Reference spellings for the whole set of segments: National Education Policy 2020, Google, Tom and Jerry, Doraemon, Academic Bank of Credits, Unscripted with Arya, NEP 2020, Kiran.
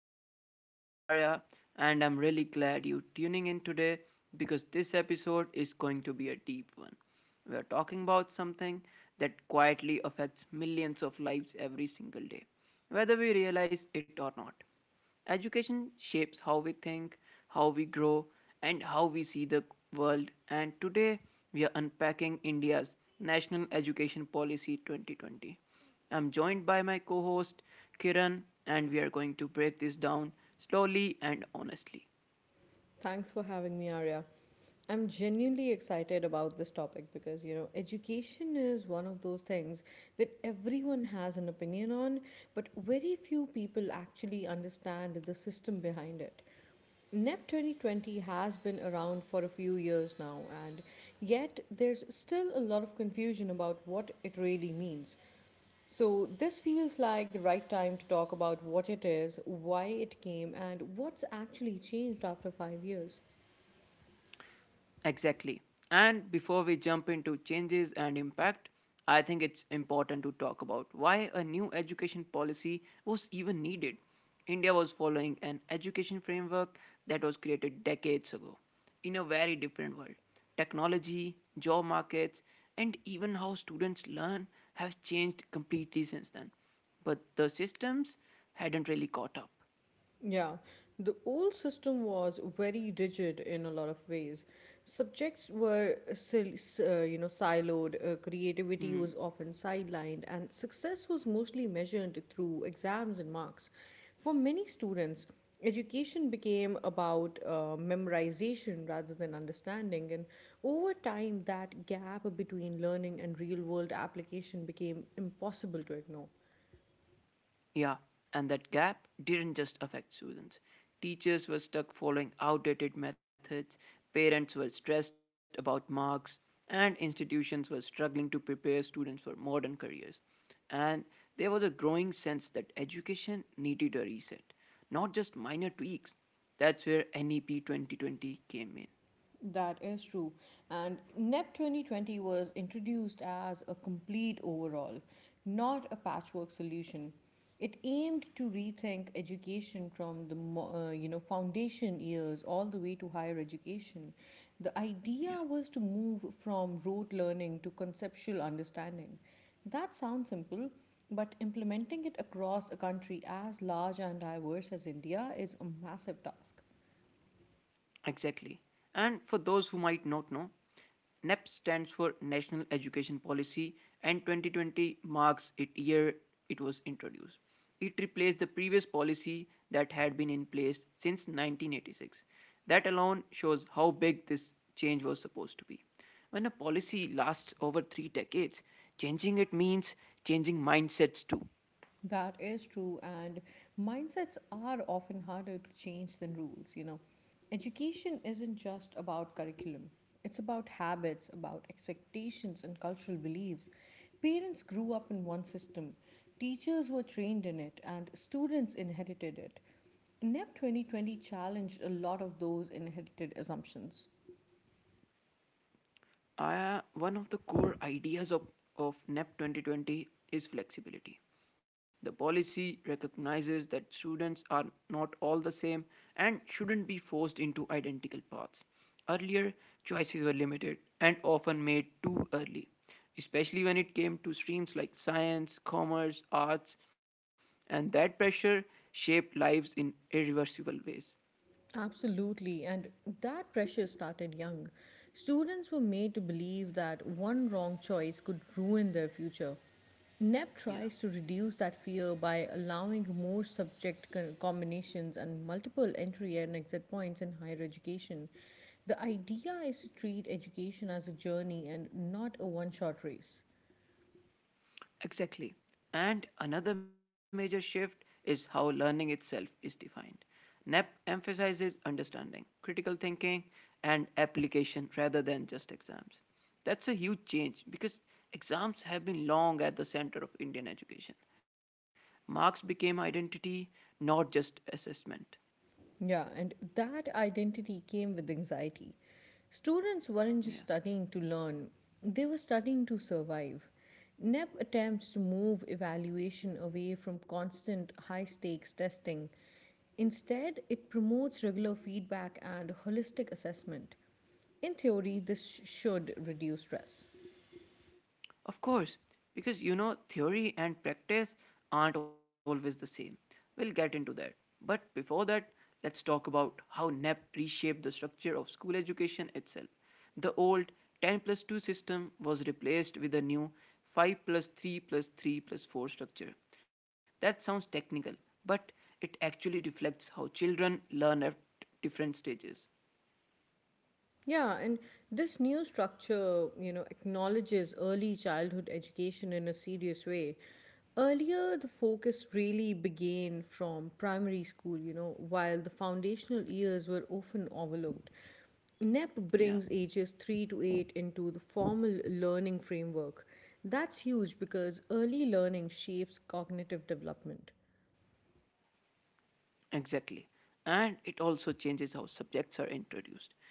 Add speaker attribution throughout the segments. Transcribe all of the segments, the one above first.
Speaker 1: Arya. I'm Arya and I'm really glad you're tuning in today because this episode is going to be a deep one. We're talking about something that quietly affects millions of lives every single day, whether we realize it or not. Education shapes how we think, how we grow, and how we see the world. And today we are unpacking India's National Education Policy 2020. I'm joined by my co host Kiran, and we are going to break this down slowly and honestly.
Speaker 2: Thanks for having me, Arya. I'm genuinely excited about this topic because, you know, education is one of those things that everyone has an opinion on, but very few people actually understand the system behind it. NEP 2020 has been around for a few years now, and yet there's still a lot of confusion about what it really means. So, this feels like the right time to talk about what it is, why it came, and what's actually changed after 5 years.
Speaker 1: Exactly. And before we jump into changes and impact, I think it's important to talk about why a new education policy was even needed. India was following an education framework that was created decades ago in a very different world. Technology, job markets, and even how students learn have changed completely since then. But the systems hadn't really caught up.
Speaker 2: Yeah, the old system was very rigid in a lot of ways. Subjects were siloed, creativity was often sidelined, and success was mostly measured through exams and marks. For many students, education became about memorization rather than understanding, and over time, that gap between learning and real world application became impossible to ignore.
Speaker 1: Yeah, and that gap didn't just affect students. Teachers were stuck following outdated methods, parents were stressed about marks, and institutions were struggling to prepare students for modern careers. And there was a growing sense that education needed a reset, not just minor tweaks. That's where NEP 2020 came in.
Speaker 2: That is true. And NEP 2020 was introduced as a complete overhaul, not a patchwork solution. It aimed to rethink education from the foundation years all the way to higher education. The idea
Speaker 1: Yeah.
Speaker 2: was to move from rote learning to conceptual understanding. That sounds simple, but implementing it across a country as large and diverse as India is a massive task.
Speaker 1: Exactly. And for those who might not know, NEP stands for National Education Policy and 2020 marks it year it was introduced. It replaced the previous policy that had been in place since 1986. That alone shows how big this change was supposed to be. When a policy lasts over 3 decades, changing it means changing mindsets too.
Speaker 2: That is true, and mindsets are often harder to change than rules. You know, education isn't just about curriculum, it's about habits, about expectations, and cultural beliefs. Parents grew up in one system, teachers were trained in it, and students inherited it. NEP 2020 challenged a lot of those inherited assumptions.
Speaker 1: One of the core ideas of NEP 2020 is flexibility. The policy recognizes that students are not all the same and shouldn't be forced into identical paths. Earlier, choices were limited and often made too early, especially when it came to streams like science, commerce, arts, and that pressure shaped lives in irreversible ways.
Speaker 2: Absolutely, and that pressure started young. Students were made to believe that one wrong choice could ruin their future. NEP tries to
Speaker 1: Yeah.
Speaker 2: reduce that fear by allowing more combinations and multiple entry and exit points in higher education. The idea is to treat education as a journey and not a one shot race.
Speaker 1: Exactly. And another major shift is how learning itself is defined. NEP emphasizes understanding, critical thinking, and application rather than just exams. That's a huge change because exams have been long at the center of Indian education. Marks became identity, not just assessment.
Speaker 2: Yeah, and that identity came with anxiety. Students weren't just studying to
Speaker 1: Yeah.
Speaker 2: learn, they were studying to survive. NEP attempts to move evaluation away from constant high stakes testing. Instead, it promotes regular feedback and holistic assessment. In theory, this should reduce stress.
Speaker 1: Of course, because theory and practice aren't always the same. We'll get into that. But before that, let's talk about how NEP reshaped the structure of school education itself. The old 10 plus 2 system was replaced with a new 5 plus 3 plus 3 plus 4 structure. That sounds technical, but it actually reflects how children learn at different stages.
Speaker 2: Yeah, and this new structure, you know, acknowledges early childhood education in a serious way. Earlier, the focus really began from primary school, you know, while the foundational years were often overlooked. NEP brings
Speaker 1: Yeah.
Speaker 2: ages 3 to 8 into the formal learning framework. That's huge because early learning shapes cognitive development.
Speaker 1: Exactly. And it also changes how subjects are introduced.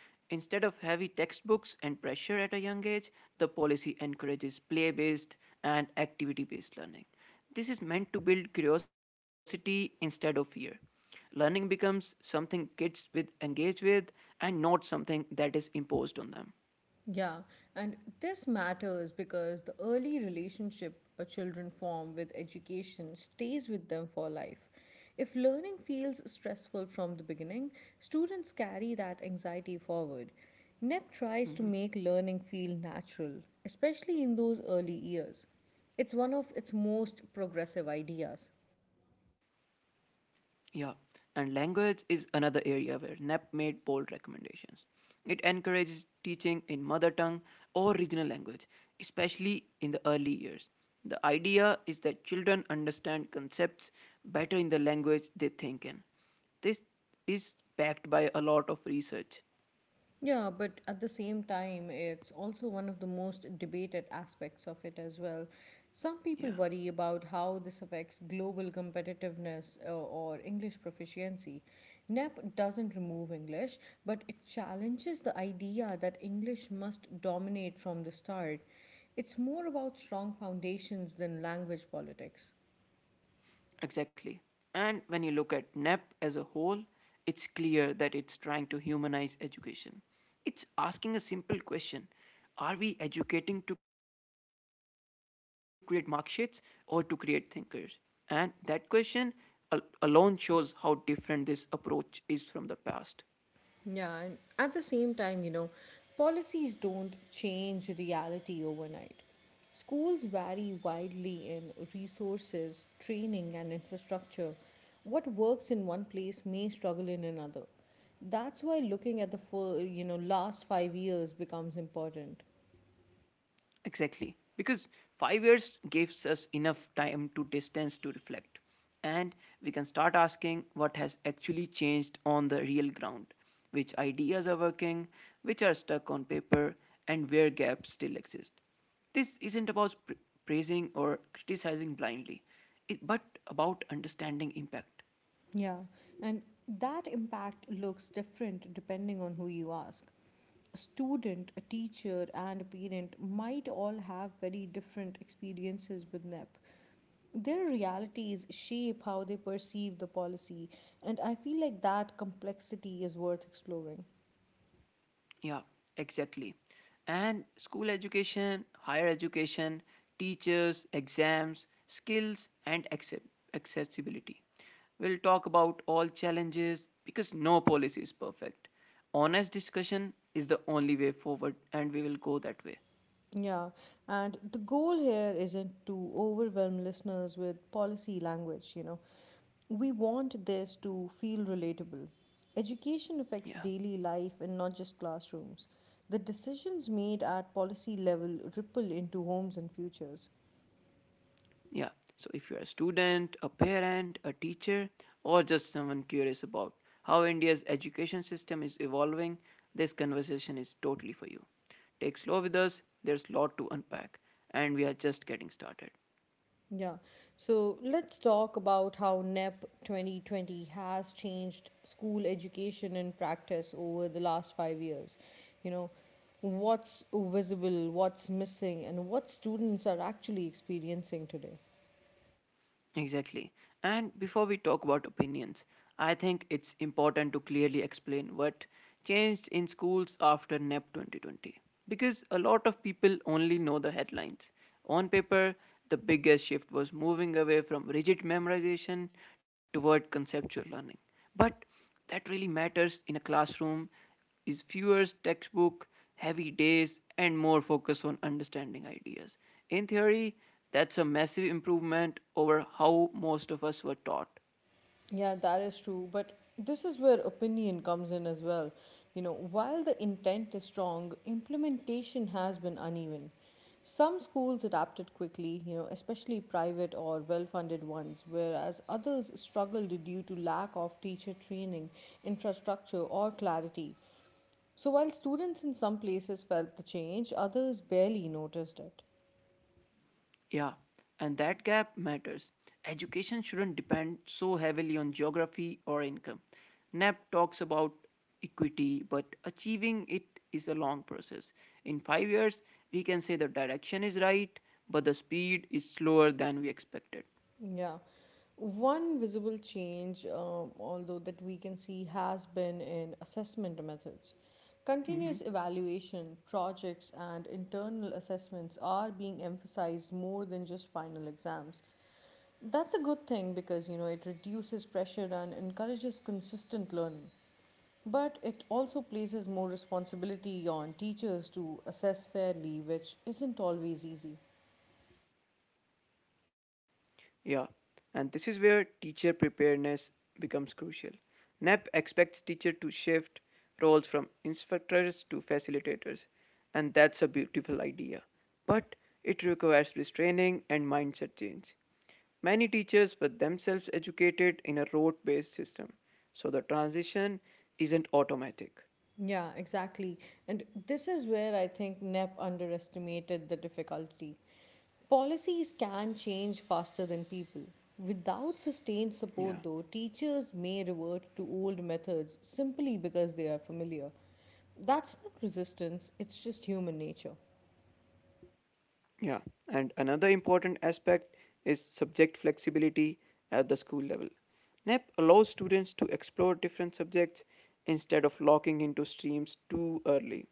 Speaker 1: Instead of heavy textbooks and pressure at a young age, the policy encourages play based and activity based learning. This is meant to build curiosity instead of fear. Learning becomes something kids with engage with and not something that is imposed on them.
Speaker 2: Yeah, and this matters because the early relationship a children form with education stays with them for life. If learning feels stressful from the beginning, students carry that anxiety forward. NEP tries to make learning feel natural, especially in those early years. It's one of its most progressive ideas.
Speaker 1: Yeah, and language is another area where NAP made bold recommendations. It encourages teaching in mother tongue or regional language, especially in the early years. The idea is that children understand concepts better in the language they think in. This is backed by a lot of research.
Speaker 2: Yeah, but at the same time, it's also one of the most debated aspects of it as well. Some people
Speaker 1: Yeah.
Speaker 2: worry about how this affects global competitiveness or English proficiency. NEP doesn't remove English, but it challenges the idea that English must dominate from the start. It's more about strong foundations than language politics.
Speaker 1: Exactly. And when you look at NEP as a whole, it's clear that it's trying to humanize education. It's asking a simple question: are we educating to create mark sheets or to create thinkers? And that question alone shows how different this approach is from the past.
Speaker 2: Yeah, and at the same time, you know, policies don't change reality overnight. Schools vary widely in resources, training, and infrastructure. What works in one place may struggle in another. That's why looking at the last 5 years becomes important.
Speaker 1: Exactly. Because 5 years gives us enough time to distance to reflect. And we can start asking what has actually changed on the real ground, which ideas are working, which are stuck on paper, and where gaps still exist. This isn't about praising or criticizing blindly, but about understanding impact.
Speaker 2: Yeah, and that impact looks different depending on who you ask. A student, a teacher, and a parent might all have very different experiences with NEP. Their realities shape how they perceive the policy, and I feel like that complexity is worth exploring.
Speaker 1: Yeah, exactly. And school education, higher education, teachers, exams, skills, and accessibility. We'll talk about all challenges because no policy is perfect. Honest discussion is the only way forward, and we will go that way.
Speaker 2: Yeah, and the goal here isn't to overwhelm listeners with policy language, you know. We want this to feel relatable. Education affects
Speaker 1: Yeah.
Speaker 2: daily life and not just classrooms. The decisions made at policy level ripple into homes and futures.
Speaker 1: Yeah. So if you're a student, a parent, a teacher, or just someone curious about how India's education system is evolving, this conversation is totally for you. Take slow with us, there's a lot to unpack, and we are just getting started.
Speaker 2: Yeah. So let's talk about how NEP 2020 has changed school education and practice over the last 5 years. You know, what's visible, what's missing, and what students are actually experiencing today.
Speaker 1: Exactly. And before we talk about opinions, I think it's important to clearly explain what changed in schools after NEP 2020. Because a lot of people only know the headlines. On paper, the biggest shift was moving away from rigid memorization toward conceptual learning. But that really matters in a classroom is fewer textbook heavy days and more focus on understanding ideas. In theory, that's a massive improvement over how most of us were taught.
Speaker 2: Yeah, that is true. But this is where opinion comes in as well. You know, while the intent is strong, implementation has been uneven. Some schools adapted quickly, you know, especially private or well funded ones, whereas others struggled due to lack of teacher training, infrastructure, or clarity. So while students in some places felt the change, others barely noticed it.
Speaker 1: Yeah, and that gap matters. Education shouldn't depend so heavily on geography or income. NAP talks about equity, but achieving it is a long process. In 5 years, we can say the direction is right, but the speed is slower than we expected.
Speaker 2: Yeah. One visible change, although that we can see, has been in assessment methods. Continuous
Speaker 1: Mhm.
Speaker 2: evaluation, projects, and internal assessments are being emphasized more than just final exams. That's a good thing because you know it reduces pressure and encourages consistent learning. But it also places more responsibility on teachers to assess fairly, which isn't always easy.
Speaker 1: Yeah, and this is where teacher preparedness becomes crucial. NAP expects teachers to shift roles from instructors to facilitators, and that's a beautiful idea. But it requires restraining and mindset change. Many teachers were themselves educated in a rote based system, so the transition isn't automatic.
Speaker 2: Yeah, exactly. And this is where I think NEP underestimated the difficulty. Policies can change faster than people. Without sustained
Speaker 1: Yeah.
Speaker 2: support, though, teachers may revert to old methods simply because they are familiar. That's not resistance, it's just human nature.
Speaker 1: Yeah, and another important aspect is subject flexibility at the school level. NEP allows students to explore different subjects instead of locking into streams too early.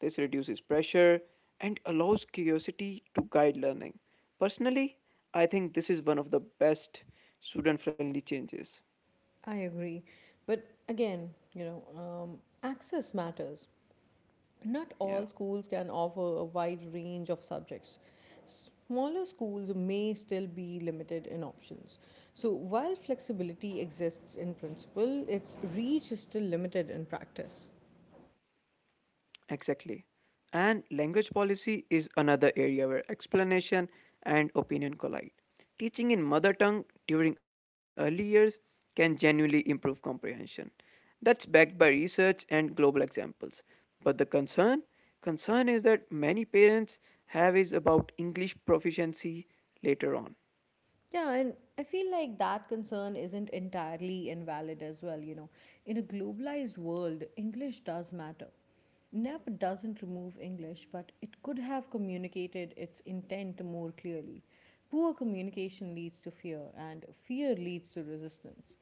Speaker 1: This reduces pressure and allows curiosity to guide learning. Personally, I think this is one of the best student friendly changes.
Speaker 2: I agree. But again, you know, access matters. Not
Speaker 1: Yeah.
Speaker 2: all schools can offer a wide range of subjects. Smaller schools may still be limited in options. So, while flexibility exists in principle, its reach is still limited in practice.
Speaker 1: Exactly. And language policy is another area where explanation and opinion collide. Teaching in mother tongue during early years can genuinely improve comprehension. That's backed by research and global examples. But the concern is that many parents have is about English proficiency later on.
Speaker 2: Yeah, and I feel like that concern isn't entirely invalid as well. You know, in a globalized world, English does matter. NEP doesn't remove English, but it could have communicated its intent more clearly. Poor communication leads to fear, and fear leads to resistance.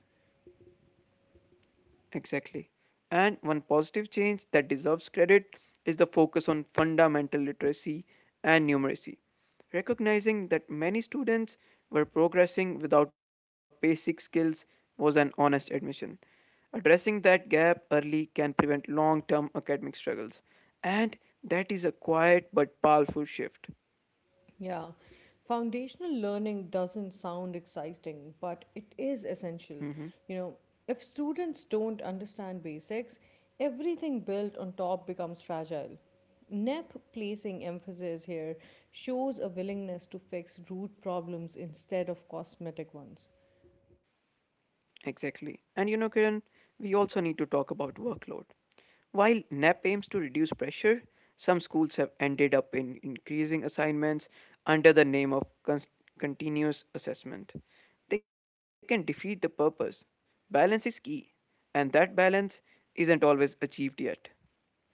Speaker 1: Exactly. And one positive change that deserves credit is the focus on fundamental literacy and numeracy, recognizing that many students were progressing without basic skills was an honest admission. Addressing that gap early can prevent long term academic struggles, and that is a quiet but powerful shift.
Speaker 2: Yeah, foundational learning doesn't sound exciting, but it is
Speaker 1: Mhm.
Speaker 2: essential. You know, if students don't understand basics, everything built on top becomes fragile. NEP placing emphasis here shows a willingness to fix root problems instead of cosmetic ones.
Speaker 1: Exactly. And Kiran, we also need to talk about workload. While NAP aims to reduce pressure, some schools have ended up in increasing assignments under the name of continuous assessment. They can defeat the purpose. Balance is key, and that balance isn't always achieved yet.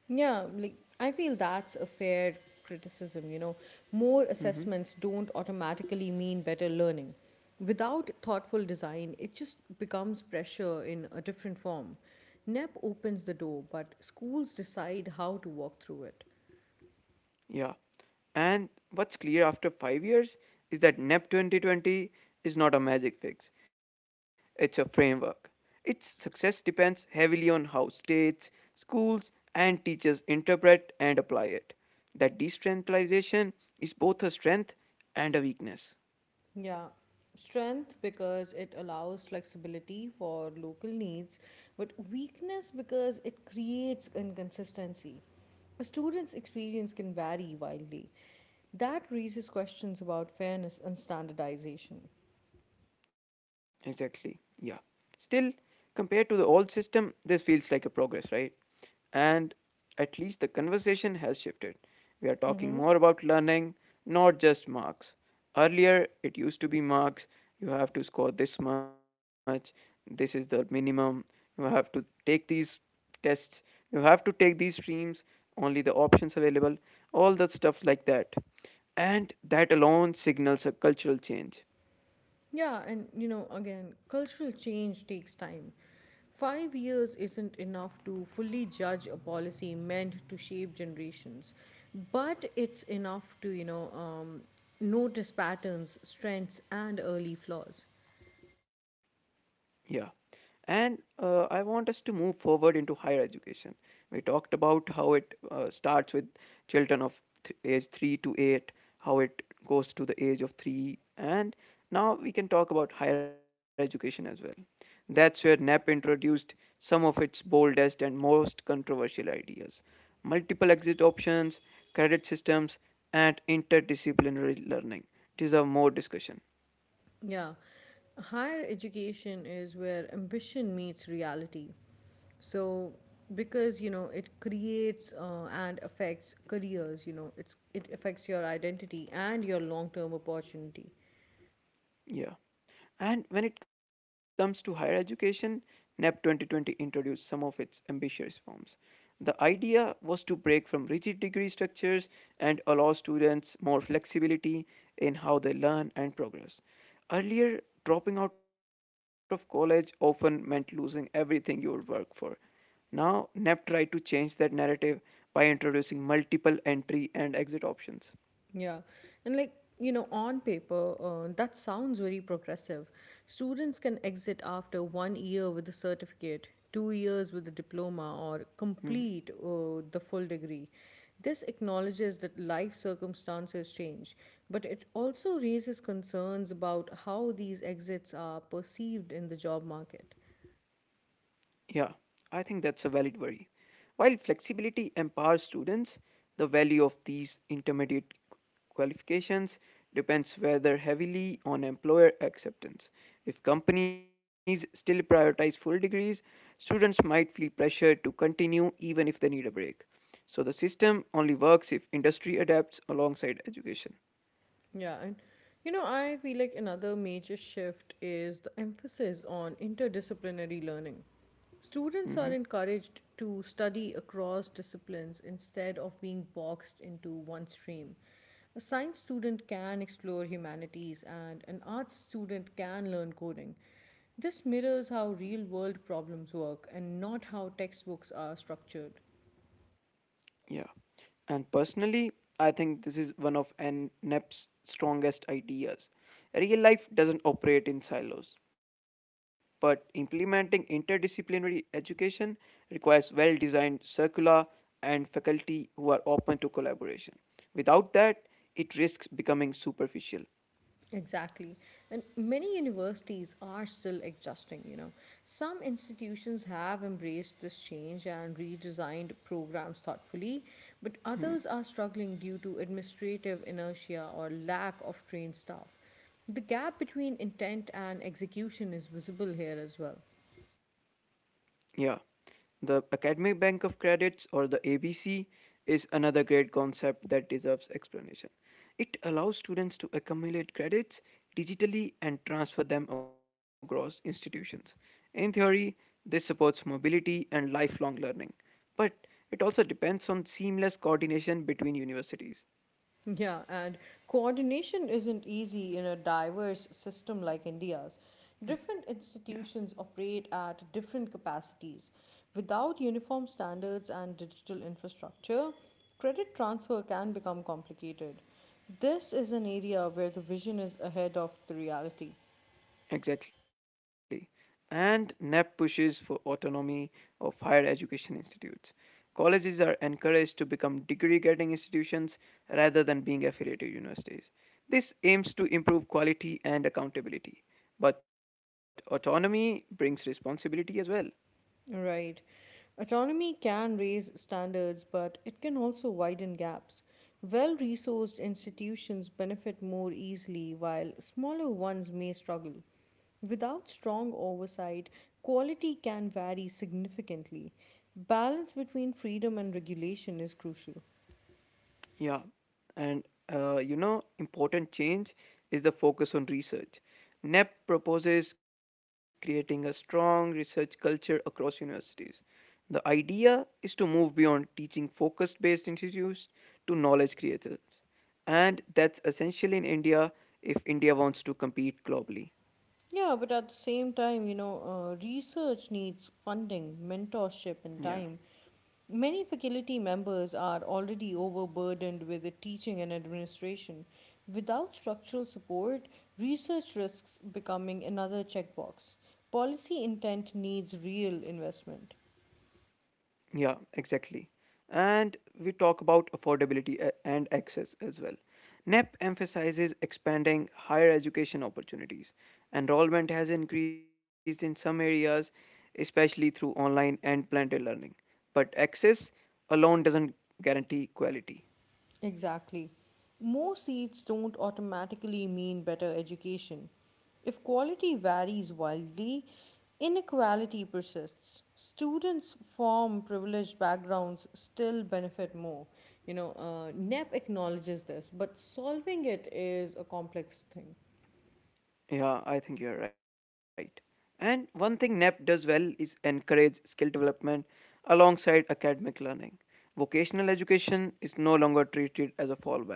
Speaker 2: Yeah, like I feel that's a fair criticism, you know. More
Speaker 1: Mm-hmm.
Speaker 2: assessments don't automatically mean better learning. Without thoughtful design, it just becomes pressure in a different form. NEP opens the door, but schools decide how to walk through it.
Speaker 1: Yeah. And what's clear after 5 years is that NEP 2020 is not a magic fix, it's a framework. Its success depends heavily on how states, schools, and teachers interpret and apply it. That decentralization is both a strength and a weakness.
Speaker 2: Yeah, strength because it allows flexibility for local needs, but weakness because it creates inconsistency. A student's experience can vary wildly. That raises questions about fairness and standardization.
Speaker 1: Exactly. Yeah. Still, compared to the old system, this feels like a progress, right? And at least the conversation has shifted. We are talking
Speaker 2: Hmm.
Speaker 1: more about learning, not just marks. Earlier, it used to be marks. You have to score this much. This is the minimum. You have to take these tests. You have to take these streams. Only the options available. All the stuff like that. And that alone signals a cultural change.
Speaker 2: Yeah, and you know, again, cultural change takes time. 5 years isn't enough to fully judge a policy meant to shape generations, but it's enough to, notice patterns, strengths, and early flaws.
Speaker 1: Yeah. And I want us to move forward into higher education. We talked about how it starts with children of age 3 to 8, how it goes to the age of 3, and now we can talk about higher education as well. That's where NAP introduced some of its boldest and most controversial ideas: multiple exit options, credit systems, and interdisciplinary learning deserve more discussion.
Speaker 2: Yeah. Higher education is where ambition meets reality. So because you know it creates and affects careers, you know it affects your identity and your long term opportunity.
Speaker 1: Yeah. And when it comes to higher education, NAP 2020 introduced some of its ambitious forms. The idea was to break from rigid degree structures and allow students more flexibility in how they learn and progress. Earlier, dropping out of college often meant losing everything you would work for. Now, NAP tried to change that narrative by introducing multiple entry and exit options.
Speaker 2: Yeah, and like you know, on paper, that sounds very progressive. Students can exit after 1 year with a certificate, 2 years with a diploma, or
Speaker 1: Mm-hmm.
Speaker 2: complete the full degree. This acknowledges that life circumstances change, but it also raises concerns about how these exits are perceived in the job market.
Speaker 1: Yeah, I think that's a valid worry. While flexibility empowers students, the value of these intermediate qualifications depends rather heavily on employer acceptance. If companies still prioritize full degrees, students might feel pressure to continue even if they need a break. So the system only works if industry adapts alongside education.
Speaker 2: Yeah, and you know, I feel like another major shift is the emphasis on interdisciplinary learning.
Speaker 1: Mhm.
Speaker 2: Students are encouraged to study across disciplines instead of being boxed into one stream. A science student can explore humanities, and an arts student can learn coding. This mirrors how real world problems work and not how textbooks are structured.
Speaker 1: Yeah. And personally, I think this is one of NEP's strongest ideas. Real life doesn't operate in silos, but implementing interdisciplinary education requires well designed curricula and faculty who are open to collaboration. Without that, it risks becoming superficial.
Speaker 2: Exactly. And many universities are still adjusting, you know. Some institutions have embraced this change and redesigned programs thoughtfully, but others are struggling due to administrative inertia or lack of trained staff. The gap between intent and execution is visible here as well.
Speaker 1: Yeah, the Academic Bank of Credits or the ABC is another great concept that deserves explanation. It allows students to accumulate credits digitally and transfer them across institutions. In theory, this supports mobility and lifelong learning, but it also depends on seamless coordination between universities.
Speaker 2: Yeah, and coordination isn't easy in a diverse system like India's.
Speaker 1: Yeah.
Speaker 2: Different institutions operate at different capacities. Without uniform standards and digital infrastructure, credit transfer can become complicated. This is an area where the vision is ahead of the reality.
Speaker 1: Exactly. And NEP pushes for autonomy of higher education institutes. Colleges are encouraged to become degree getting institutions rather than being affiliated universities. This aims to improve quality and accountability. But autonomy brings responsibility as well.
Speaker 2: Right. Autonomy can raise standards, but it can also widen gaps. Well resourced institutions benefit more easily, while smaller ones may struggle. Without strong oversight, quality can vary significantly. Balance between freedom and regulation is crucial.
Speaker 1: Yeah, and important change is the focus on research. NEP proposes creating a strong research culture across universities. The idea is to move beyond teaching focused based institutes to knowledge creators. And that's essential in India if India wants to compete globally.
Speaker 2: Yeah, but at the same time, you know, research needs funding, mentorship,
Speaker 1: Yeah.
Speaker 2: and time. Many faculty members are already overburdened with the teaching and administration. Without structural support, research risks becoming another checkbox. Policy intent needs real investment.
Speaker 1: Yeah, exactly. And we talk about affordability and access as well. NEP emphasizes expanding higher education opportunities. Enrollment has increased in some areas, especially through online and blended learning. But access alone doesn't guarantee quality.
Speaker 2: Exactly. More seats don't automatically mean better education. If quality varies wildly, inequality persists. Students from privileged backgrounds still benefit more. You know, NEP acknowledges this, but solving it is a complex thing.
Speaker 1: Yeah, I think you're right. And one thing NAP does well is encourage skill development alongside academic learning. Vocational education is no longer treated as a fallback.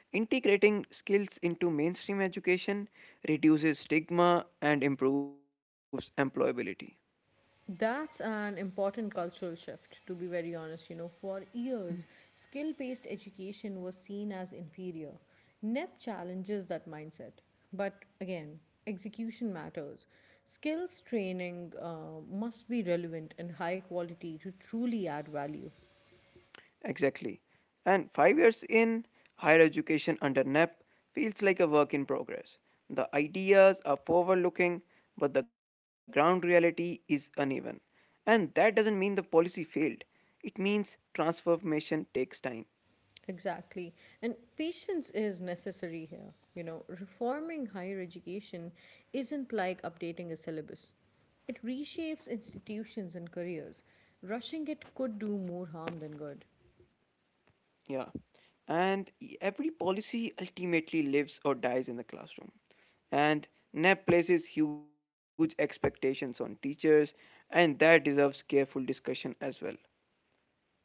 Speaker 1: Integrating skills into mainstream education reduces stigma and improves employability.
Speaker 2: That's an important cultural shift, to be very honest. You know, for years, skill based education was seen as inferior. NEP challenges that mindset. But again, execution matters. Skills training must be relevant and high quality to truly add value.
Speaker 1: Exactly. And 5 years in higher education under NEP feels like a work in progress. The ideas are forward looking, but the ground reality is uneven. And that doesn't mean the policy failed, it means transformation takes time.
Speaker 2: Exactly. And patience is necessary here. You know, reforming higher education isn't like updating a syllabus, it reshapes institutions and careers. Rushing it could do more harm than good.
Speaker 1: Yeah. And every policy ultimately lives or dies in the classroom. And NEP places huge expectations on teachers, and that deserves careful discussion as well.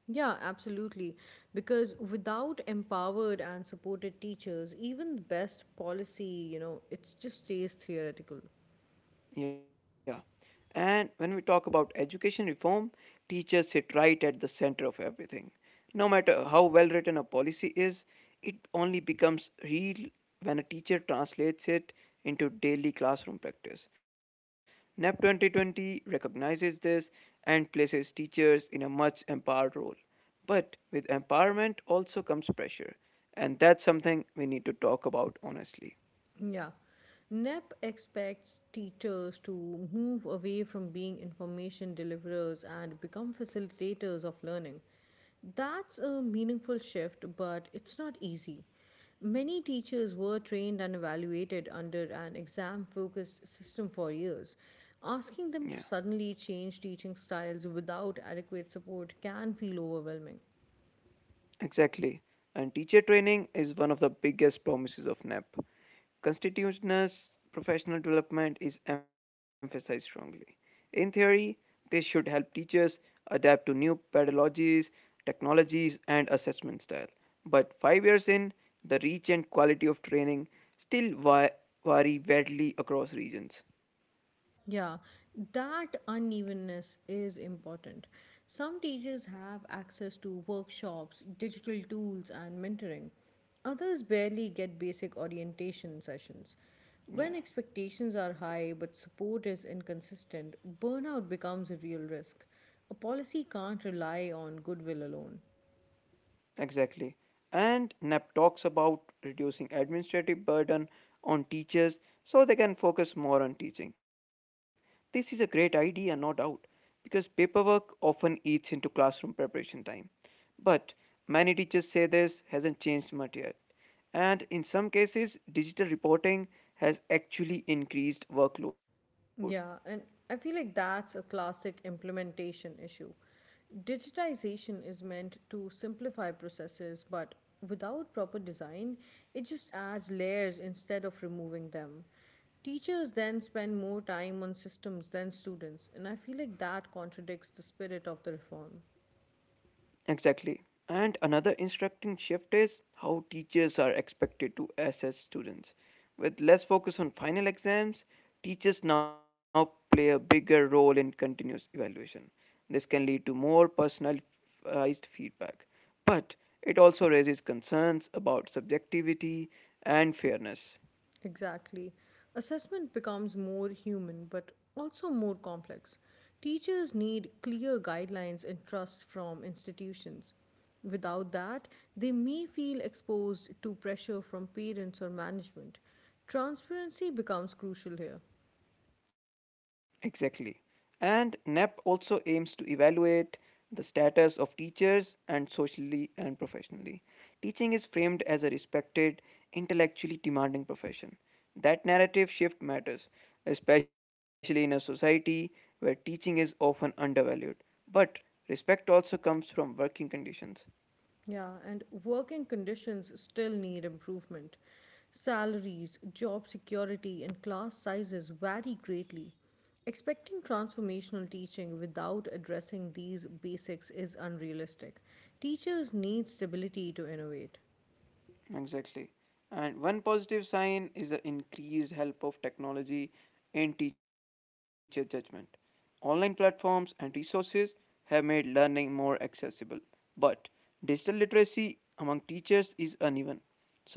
Speaker 2: Yeah, absolutely. Because without empowered and supported teachers, even the best policy, you know, it just stays theoretical.
Speaker 1: Yeah. And when we talk about education reform, teachers sit right at the center of everything. No matter how well written a policy is, it only becomes real when a teacher translates it into daily classroom practice. NEP 2020 recognizes this and places teachers in a much empowered role. But with empowerment also comes pressure, and that's something we need to talk about honestly.
Speaker 2: Yeah. NEP expects teachers to move away from being information deliverers and become facilitators of learning. That's a meaningful shift, but it's not easy. Many teachers were trained and evaluated under an exam focused system for years.
Speaker 1: Yeah.
Speaker 2: Asking them to suddenly change teaching styles without adequate support can feel overwhelming.
Speaker 1: Exactly. And teacher training is one of the biggest promises of NAP. Constitutiveness professional development is emphasized strongly. In theory, this should help teachers adapt to new pedagogies, technologies, and assessment style. But 5 years in, the reach and quality of training still vary widely across regions.
Speaker 2: Yeah, that unevenness is important. Some teachers have access to workshops, digital tools, and mentoring. Others barely get basic orientation sessions.
Speaker 1: Yeah.
Speaker 2: When expectations are high but support is inconsistent, burnout becomes a real risk. A policy can't rely on goodwill alone.
Speaker 1: Exactly. And NAP talks about reducing administrative burden on teachers so they can focus more on teaching. This is a great idea, no doubt, because paperwork often eats into classroom preparation time. But many teachers say this hasn't changed much yet. And in some cases, digital reporting has actually increased workload.
Speaker 2: Yeah, and I feel like that's a classic implementation issue. Digitization is meant to simplify processes, but without proper design, it just adds layers instead of removing them. Teachers then spend more time on systems than students, and I feel like that contradicts the spirit of the reform.
Speaker 1: Exactly. And another instructing shift is how teachers are expected to assess students. With less focus on final exams, teachers now play a bigger role in continuous evaluation. This can lead to more personalized feedback, but it also raises concerns about subjectivity and fairness.
Speaker 2: Exactly. Assessment becomes more human but also more complex. Teachers need clear guidelines and trust from institutions. Without that, they may feel exposed to pressure from parents or management. Transparency becomes crucial here.
Speaker 1: Exactly. And NAP also aims to evaluate the status of teachers and socially and professionally. Teaching is framed as a respected, intellectually demanding profession. That narrative shift matters, especially in a society where teaching is often undervalued. But respect also comes from working conditions.
Speaker 2: Yeah, and working conditions still need improvement. Salaries, job security, and class sizes vary greatly. Expecting transformational teaching without addressing these basics is unrealistic. Teachers need stability to innovate.
Speaker 1: Exactly. And one positive sign is the increased help of technology in teacher judgment. Online platforms and resources have made learning more accessible, but digital literacy among teachers is uneven.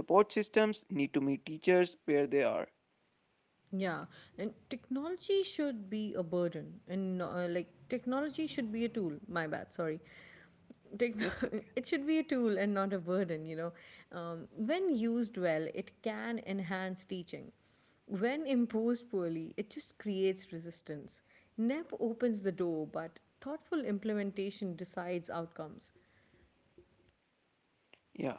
Speaker 1: Support systems need to meet teachers where they are.
Speaker 2: Yeah, and technology should be a burden, and like technology should be a tool. My bad, sorry, Techno-
Speaker 1: It's
Speaker 2: it
Speaker 1: okay.
Speaker 2: should be a tool and not a burden, When used well, it can enhance teaching. When imposed poorly, it just creates resistance. NEP opens the door, but thoughtful implementation decides outcomes.
Speaker 1: Yeah.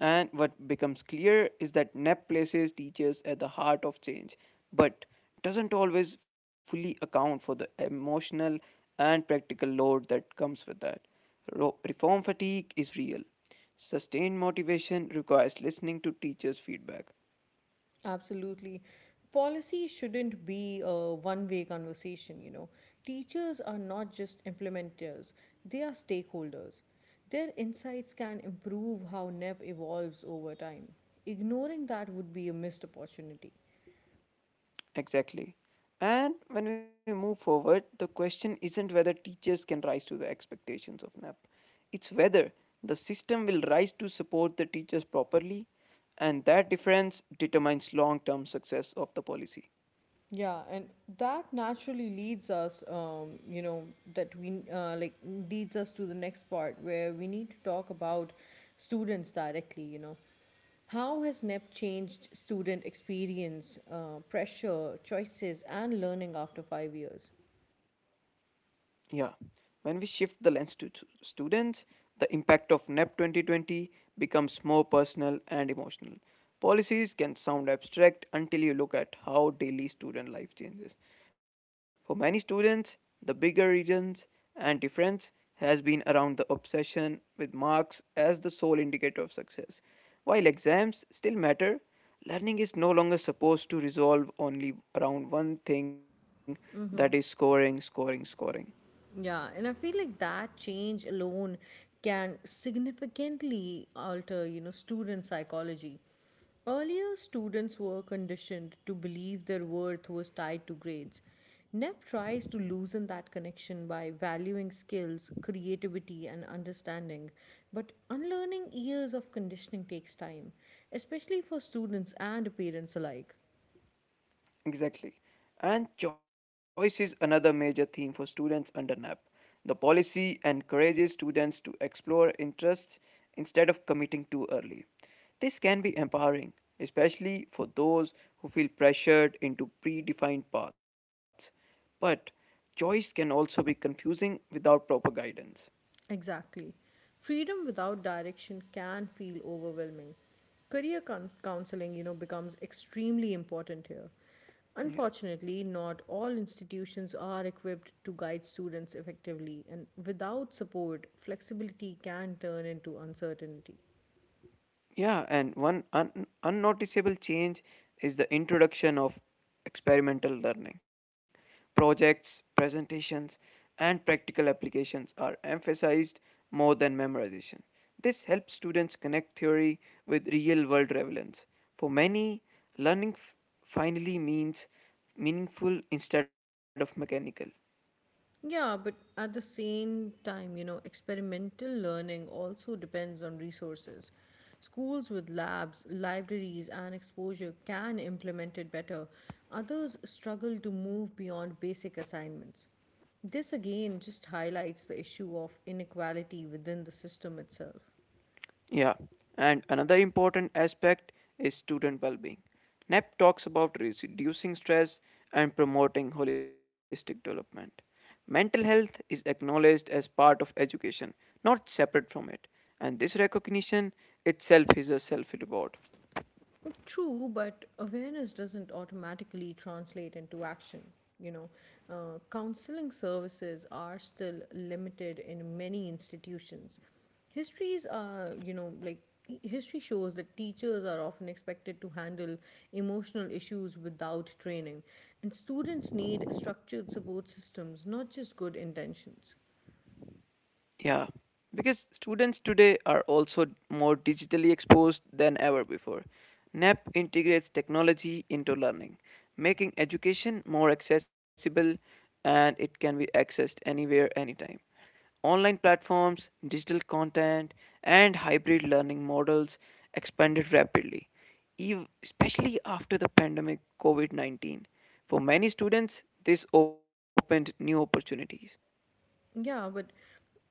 Speaker 1: And what becomes clear is that NEP places teachers at the heart of change, but doesn't always fully account for the emotional and practical load that comes with that. Reform fatigue is real. Sustained motivation requires listening to teachers' feedback.
Speaker 2: Absolutely. Policy shouldn't be a one way conversation, Teachers are not just implementers, they are stakeholders. Their insights can improve how NEP evolves over time. Ignoring that would be a missed opportunity.
Speaker 1: Exactly. And when we move forward, the question isn't whether teachers can rise to the expectations of NAP. It's whether the system will rise to support the teachers properly, and that difference determines long term success of the policy.
Speaker 2: Yeah, and that naturally leads us, that we like leads us to the next part where we need to talk about students directly, How has NEP changed student experience, pressure, choices, and learning after 5 years?
Speaker 1: Yeah. When we shift the lens to students, the impact of NEP 2020 becomes more personal and emotional. Policies can sound abstract until you look at how daily student life changes. For many students, the bigger reasons and difference has been around the obsession with marks as the sole indicator of success. While exams still matter, learning is no longer supposed to resolve only around one thing, that is scoring, scoring, scoring.
Speaker 2: Yeah, and I feel like that change alone can significantly alter, student psychology. Earlier, students were conditioned to believe their worth was tied to grades. NEP tries to loosen that connection by valuing skills, creativity, and understanding. But unlearning years of conditioning takes time, especially for students and parents alike.
Speaker 1: Exactly. And choice is another major theme for students under NAP. The policy encourages students to explore interests instead of committing too early. This can be empowering, especially for those who feel pressured into predefined paths. But choice can also be confusing without proper guidance.
Speaker 2: Exactly. Freedom without direction can feel overwhelming. Career coun counseling, becomes extremely important here.
Speaker 1: Yeah.
Speaker 2: Unfortunately, not all institutions are equipped to guide students effectively, and without support, flexibility can turn into uncertainty.
Speaker 1: Yeah, and one unnoticeable change is the introduction of experimental learning. Projects, presentations, and practical applications are emphasized more than memorization. This helps students connect theory with real world relevance. For many, learning finally means meaningful instead of mechanical.
Speaker 2: Yeah, but at the same time, experimental learning also depends on resources. Schools with labs, libraries, and exposure can implement it better. Others struggle to move beyond basic assignments. This again just highlights the issue of inequality within the system itself.
Speaker 1: Yeah, and another important aspect is student well being. NEP talks about reducing stress and promoting holistic development. Mental health is acknowledged as part of education, not separate from it. And this recognition itself is a self reward.
Speaker 2: True, but awareness doesn't automatically translate into action. You know, counseling services are still limited in many institutions. Histories are, you know, like history shows that teachers are often expected to handle emotional issues without training, and students need structured support systems, not just good intentions.
Speaker 1: Yeah, because students today are also more digitally exposed than ever before. NAP integrates technology into learning, making education more accessible, and it can be accessed anywhere, anytime. Online platforms, digital content, and hybrid learning models expanded rapidly, especially after the pandemic COVID 19. For many students, this opened new opportunities.
Speaker 2: Yeah, but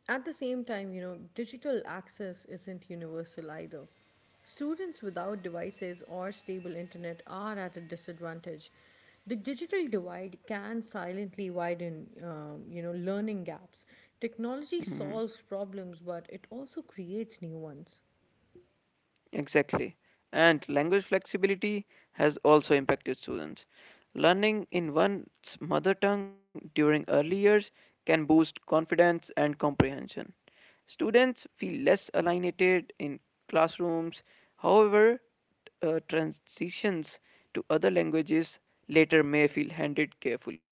Speaker 2: at the same time, digital access isn't universal either. Students without devices or stable internet are at a disadvantage. The digital divide can silently widen, learning gaps. Technology
Speaker 1: Mm-hmm.
Speaker 2: solves problems, but it also creates new ones.
Speaker 1: Exactly. And language flexibility has also impacted students. Learning in one's mother tongue during early years can boost confidence and comprehension. Students feel less alienated in classrooms. However, transitions to other languages later may feel handled carefully.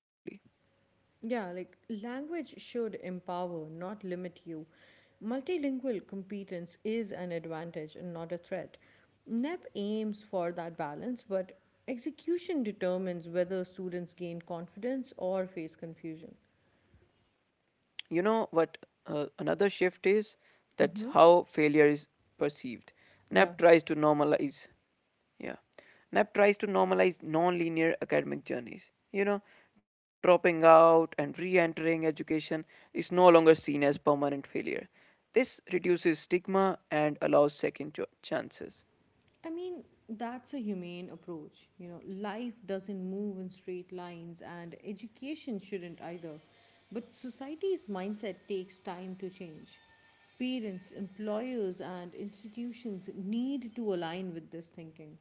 Speaker 2: Yeah, like language should empower, not limit you. Multilingual competence is an advantage and not a threat. NEP aims for that balance, but execution determines whether students gain confidence or face confusion.
Speaker 1: You know what, another shift is that's
Speaker 2: Mm-hmm.
Speaker 1: how failure is perceived. Nap
Speaker 2: Yeah.
Speaker 1: tries to normalize Yeah, NAP tries to normalize non-linear academic journeys, you know. Dropping out and re-entering education is no longer seen as permanent failure. This reduces stigma and allows second chances.
Speaker 2: I mean, that's a humane approach. You know, life doesn't move in straight lines, and education shouldn't either. But society's mindset takes time to change. Parents, employers, and institutions need to align with this thinking.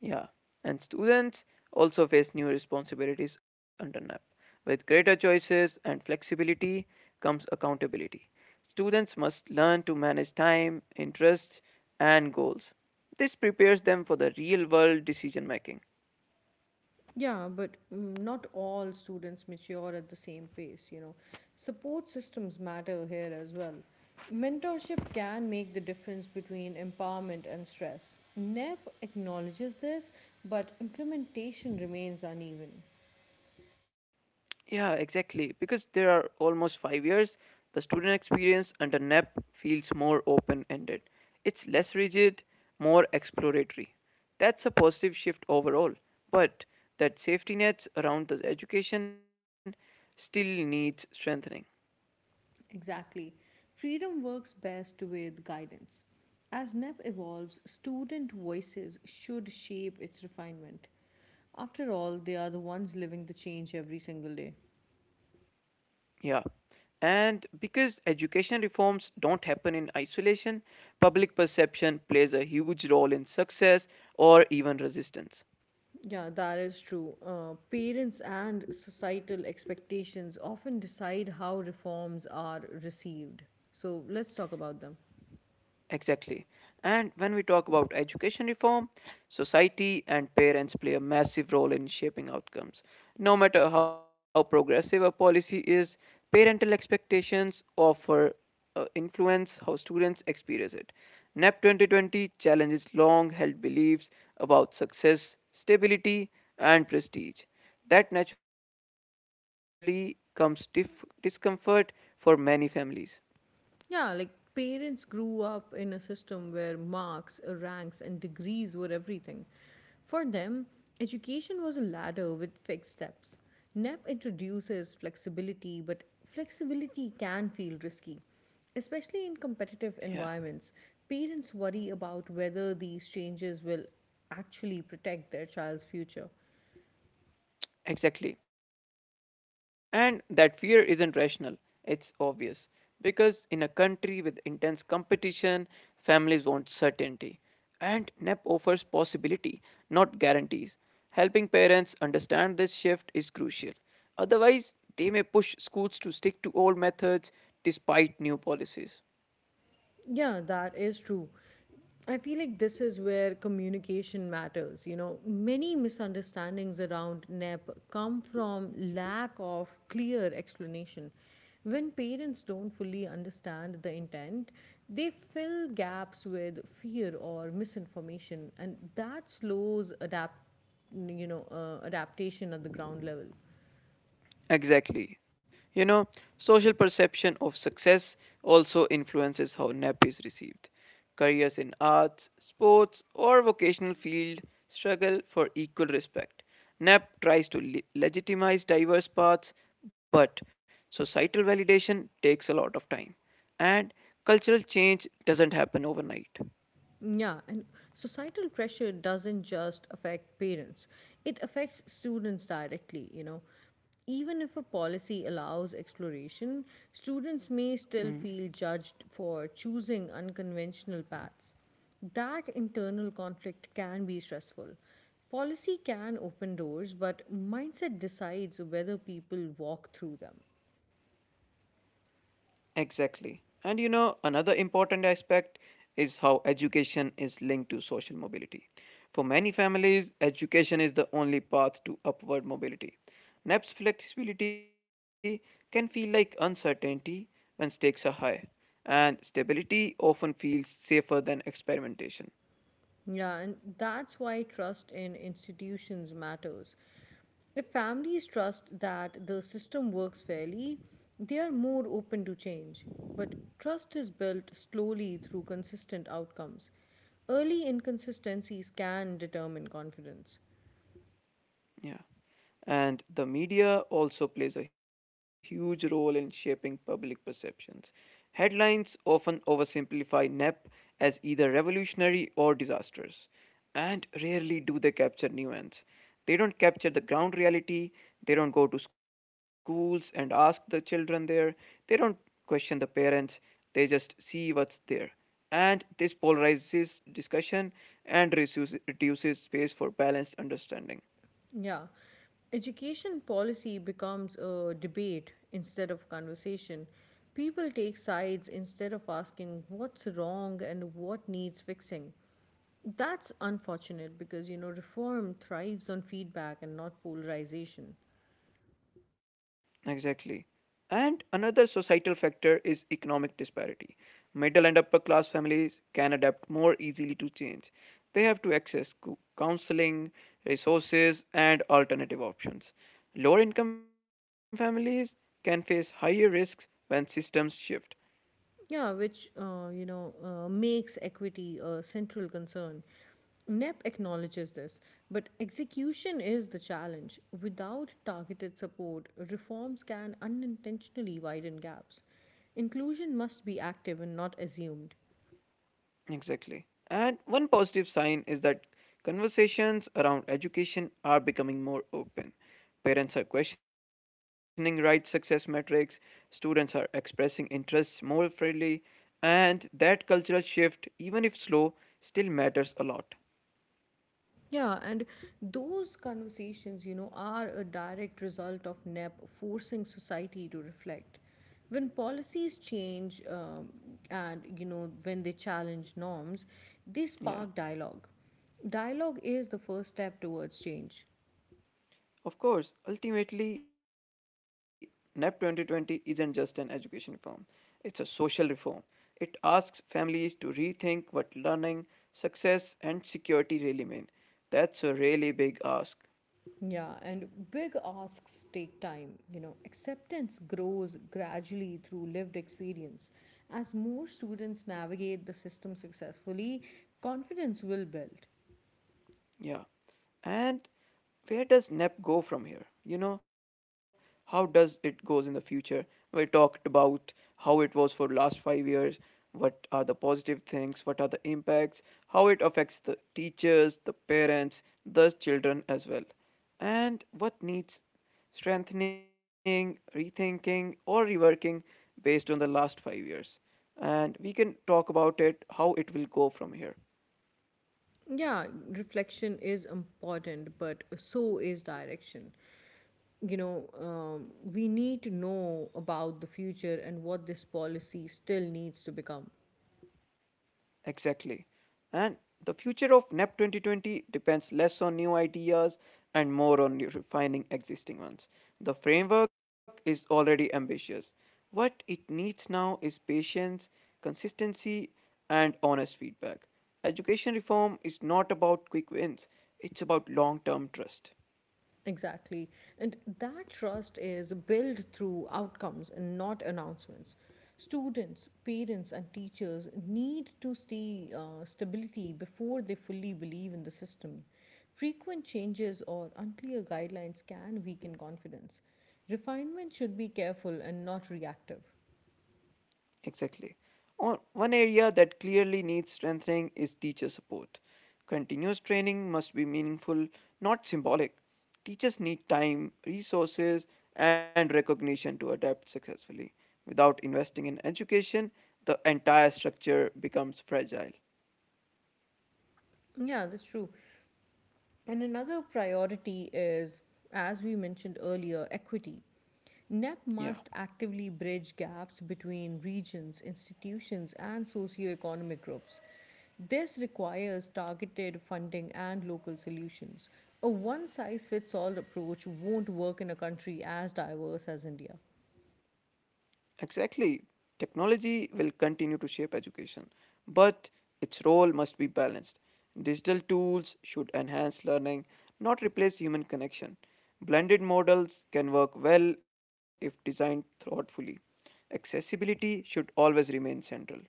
Speaker 1: Yeah, and students also face new responsibilities under NAP. With greater choices and flexibility comes accountability. Students must learn to manage time, interests, and goals. This prepares them for the real world decision making.
Speaker 2: Yeah, but not all students mature at the same pace, Support systems matter here as well. Mentorship can make the difference between empowerment and stress. NEP acknowledges this, but implementation remains uneven.
Speaker 1: Yeah, exactly. Because there are almost 5 years, the student experience under NEP feels more open ended. It's less rigid, more exploratory. That's a positive shift overall, but that safety nets around the education still needs strengthening.
Speaker 2: Exactly. Freedom works best with guidance. As NEP evolves, student voices should shape its refinement. After all, they are the ones living the change every single day.
Speaker 1: Yeah. And because education reforms don't happen in isolation, public perception plays a huge role in success or even resistance.
Speaker 2: Yeah, that is true. Parents and societal expectations often decide how reforms are received. So let's talk about them.
Speaker 1: Exactly. And when we talk about education reform, society and parents play a massive role in shaping outcomes. No matter how progressive a policy is, parental expectations offer influence how students experience it. NEP 2020 challenges long held beliefs about success, stability, and prestige. That naturally comes discomfort for many families.
Speaker 2: Yeah, like parents grew up in a system where marks, ranks, and degrees were everything. For them, education was a ladder with fixed steps. NEP introduces flexibility, but flexibility can feel risky. Especially in competitive
Speaker 1: Yeah.
Speaker 2: environments, parents worry about whether these changes will actually protect their child's future.
Speaker 1: Exactly. And that fear isn't rational, it's obvious. Because in a country with intense competition, families want certainty. And NEP offers possibility, not guarantees. Helping parents understand this shift is crucial. Otherwise, they may push schools to stick to old methods despite new policies.
Speaker 2: Yeah, that is true. I feel like this is where communication matters. You know, many misunderstandings around NEP come from lack of clear explanation. When parents don't fully understand the intent, they fill gaps with fear or misinformation, and that slows adapt, adaptation at the ground level.
Speaker 1: Exactly. You know, social perception of success also influences how NEP is received. Careers in arts, sports, or vocational field struggle for equal respect. NEP tries to legitimize diverse paths, but societal validation takes a lot of time, and cultural change doesn't happen overnight.
Speaker 2: Yeah, and societal pressure doesn't just affect parents, it affects students directly, Even if a policy allows exploration, students may still feel judged for choosing unconventional paths. That internal conflict can be stressful. Policy can open doors, but mindset decides whether people walk through them.
Speaker 1: Exactly. And you know, another important aspect is how education is linked to social mobility. For many families, education is the only path to upward mobility. NAP's flexibility can feel like uncertainty when stakes are high, and stability often feels safer than experimentation.
Speaker 2: Yeah, and that's why trust in institutions matters. If families trust that the system works fairly, they are more open to change. But trust is built slowly through consistent outcomes. Early inconsistencies can determine confidence.
Speaker 1: Yeah. And the media also plays a huge role in shaping public perceptions. Headlines often oversimplify NEP as either revolutionary or disastrous, and rarely do they capture nuance. They don't capture the ground reality, they don't go to schools and ask the children there, they don't question the parents, they just see what's there. And this polarizes discussion and reduces space for balanced understanding.
Speaker 2: Yeah. Education policy becomes a debate instead of conversation. People take sides instead of asking what's wrong and what needs fixing. That's unfortunate because, reform thrives on feedback and not polarization.
Speaker 1: Exactly. And another societal factor is economic disparity. Middle and upper class families can adapt more easily to change. They have to access counseling, resources, and alternative options. Lower income families can face higher risks when systems shift.
Speaker 2: Yeah, which you know makes equity a central concern. NEP acknowledges this, but execution is the challenge. Without targeted support, reforms can unintentionally widen gaps. Inclusion must be active and not assumed.
Speaker 1: Exactly. And one positive sign is that conversations around education are becoming more open. Parents are questioning right success metrics, students are expressing interests more freely, and that cultural shift, even if slow, still matters a lot.
Speaker 2: Yeah, and those conversations, are a direct result of NEP forcing society to reflect. When policies change when they challenge norms, they
Speaker 1: Yeah.
Speaker 2: spark dialogue. Dialogue is the first step towards change.
Speaker 1: Of course, ultimately, NEP 2020 isn't just an education reform, it's a social reform. It asks families to rethink what learning, success, and security really mean. That's a really big ask.
Speaker 2: Yeah, and big asks take time. You know, acceptance grows gradually through lived experience. As more students navigate the system successfully, confidence will build.
Speaker 1: Yeah. And where does NEP go from here? You know, how does it goes in the future? We talked about how it was for last 5 years, what are the positive things, what are the impacts, how it affects the teachers, the parents, the children as well. And what needs strengthening, rethinking or reworking based on the last 5 years. And we can talk about it how it will go from here.
Speaker 2: Yeah, reflection is important, but so is direction. We need to know about the future and what this policy still needs to become.
Speaker 1: Exactly. And the future of NEP 2020 depends less on new ideas and more on refining existing ones. The framework is already ambitious. What it needs now is patience, consistency, and honest feedback. Education reform is not about quick wins, it's about long term trust.
Speaker 2: Exactly. And that trust is built through outcomes and not announcements. Students, parents, and teachers need to see stability before they fully believe in the system. Frequent changes or unclear guidelines can weaken confidence. Refinement should be careful and not reactive.
Speaker 1: Exactly. One area that clearly needs strengthening is teacher support. Continuous training must be meaningful, not symbolic. Teachers need time, resources, and recognition to adapt successfully. Without investing in education, the entire structure becomes fragile.
Speaker 2: Yeah, that's true. And another priority is, as we mentioned earlier, equity.
Speaker 1: Yeah.
Speaker 2: NEP must actively bridge gaps between regions, institutions, and socioeconomic groups. This requires targeted funding and local solutions. A one size fits all approach won't work in a country as diverse as India.
Speaker 1: Exactly. Technology will continue to shape education, but its role must be balanced. Digital tools should enhance learning, not replace human connection. Blended models can work well if designed thoughtfully. Accessibility should always remain central.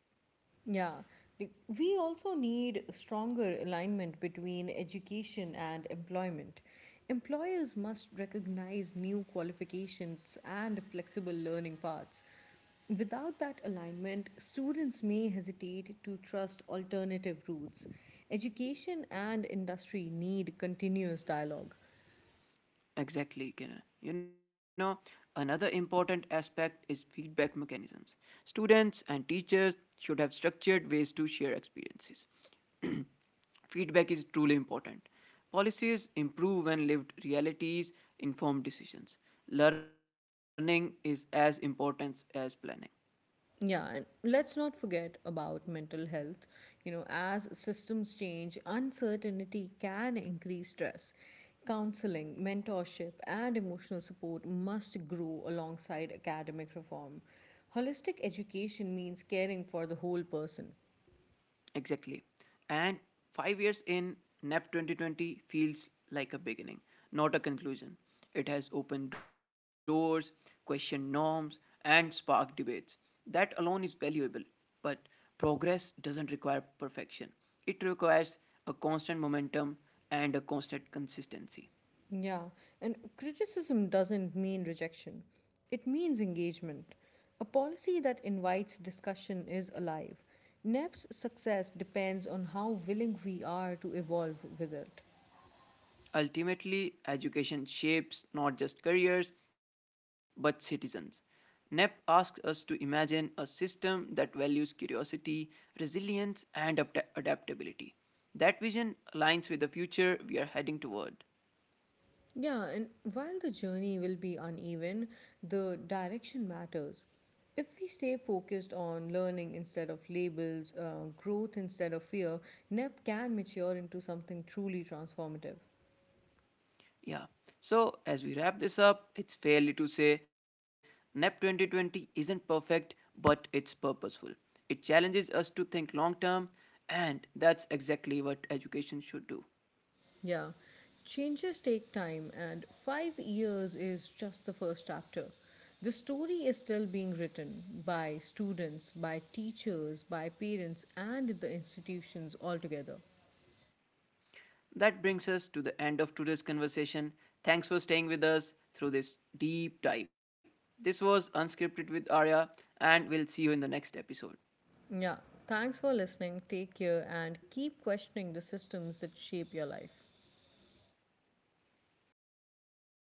Speaker 2: Yeah, like, we also need stronger alignment between education and employment. Employers must recognize new qualifications and flexible learning paths. Without that alignment, students may hesitate to trust alternative routes. Education and industry need continuous dialogue.
Speaker 1: Exactly, Kiran. You know, another important aspect is feedback mechanisms. Students and teachers should have structured ways to share experiences. Feedback is truly important. Policies improve when lived realities, informed decisions. Learning is as important as planning.
Speaker 2: Yeah, and let's not forget about mental health. You know, as systems change, uncertainty can increase stress. Counseling, mentorship, and emotional support must grow alongside academic reform. Holistic education means caring for the whole person.
Speaker 1: Exactly. And 5 years in NAP 2020 feels like a beginning, not a conclusion. It has opened doors, questioned norms, and sparked debates. That alone is valuable, but progress doesn't require perfection. It requires a constant momentum and a constant consistency.
Speaker 2: Yeah, and criticism doesn't mean rejection, it means engagement. A policy that invites discussion is alive. NEP's success depends on how willing we are to evolve with it.
Speaker 1: Ultimately, education shapes not just careers but citizens. NEP asks us to imagine a system that values curiosity, resilience, and adaptability. That vision aligns with the future we are heading toward.
Speaker 2: Yeah, and while the journey will be uneven, the direction matters. If we stay focused on learning instead of labels, growth instead of fear, NEP can mature into something truly transformative.
Speaker 1: Yeah. So, as we wrap this up, it's fairly to say NEP 2020 isn't perfect, but it's purposeful. It challenges us to think long term, and that's exactly what education should do.
Speaker 2: Yeah, changes take time, and 5 years is just the first chapter. The story is still being written by students, by teachers, by parents, and the institutions altogether.
Speaker 1: That brings us to the end of today's conversation. Thanks for staying with us through this deep dive. This was Unscripted with Arya, and we'll see you in the next episode.
Speaker 2: Yeah, thanks for listening. Take care and keep questioning the systems that shape your life.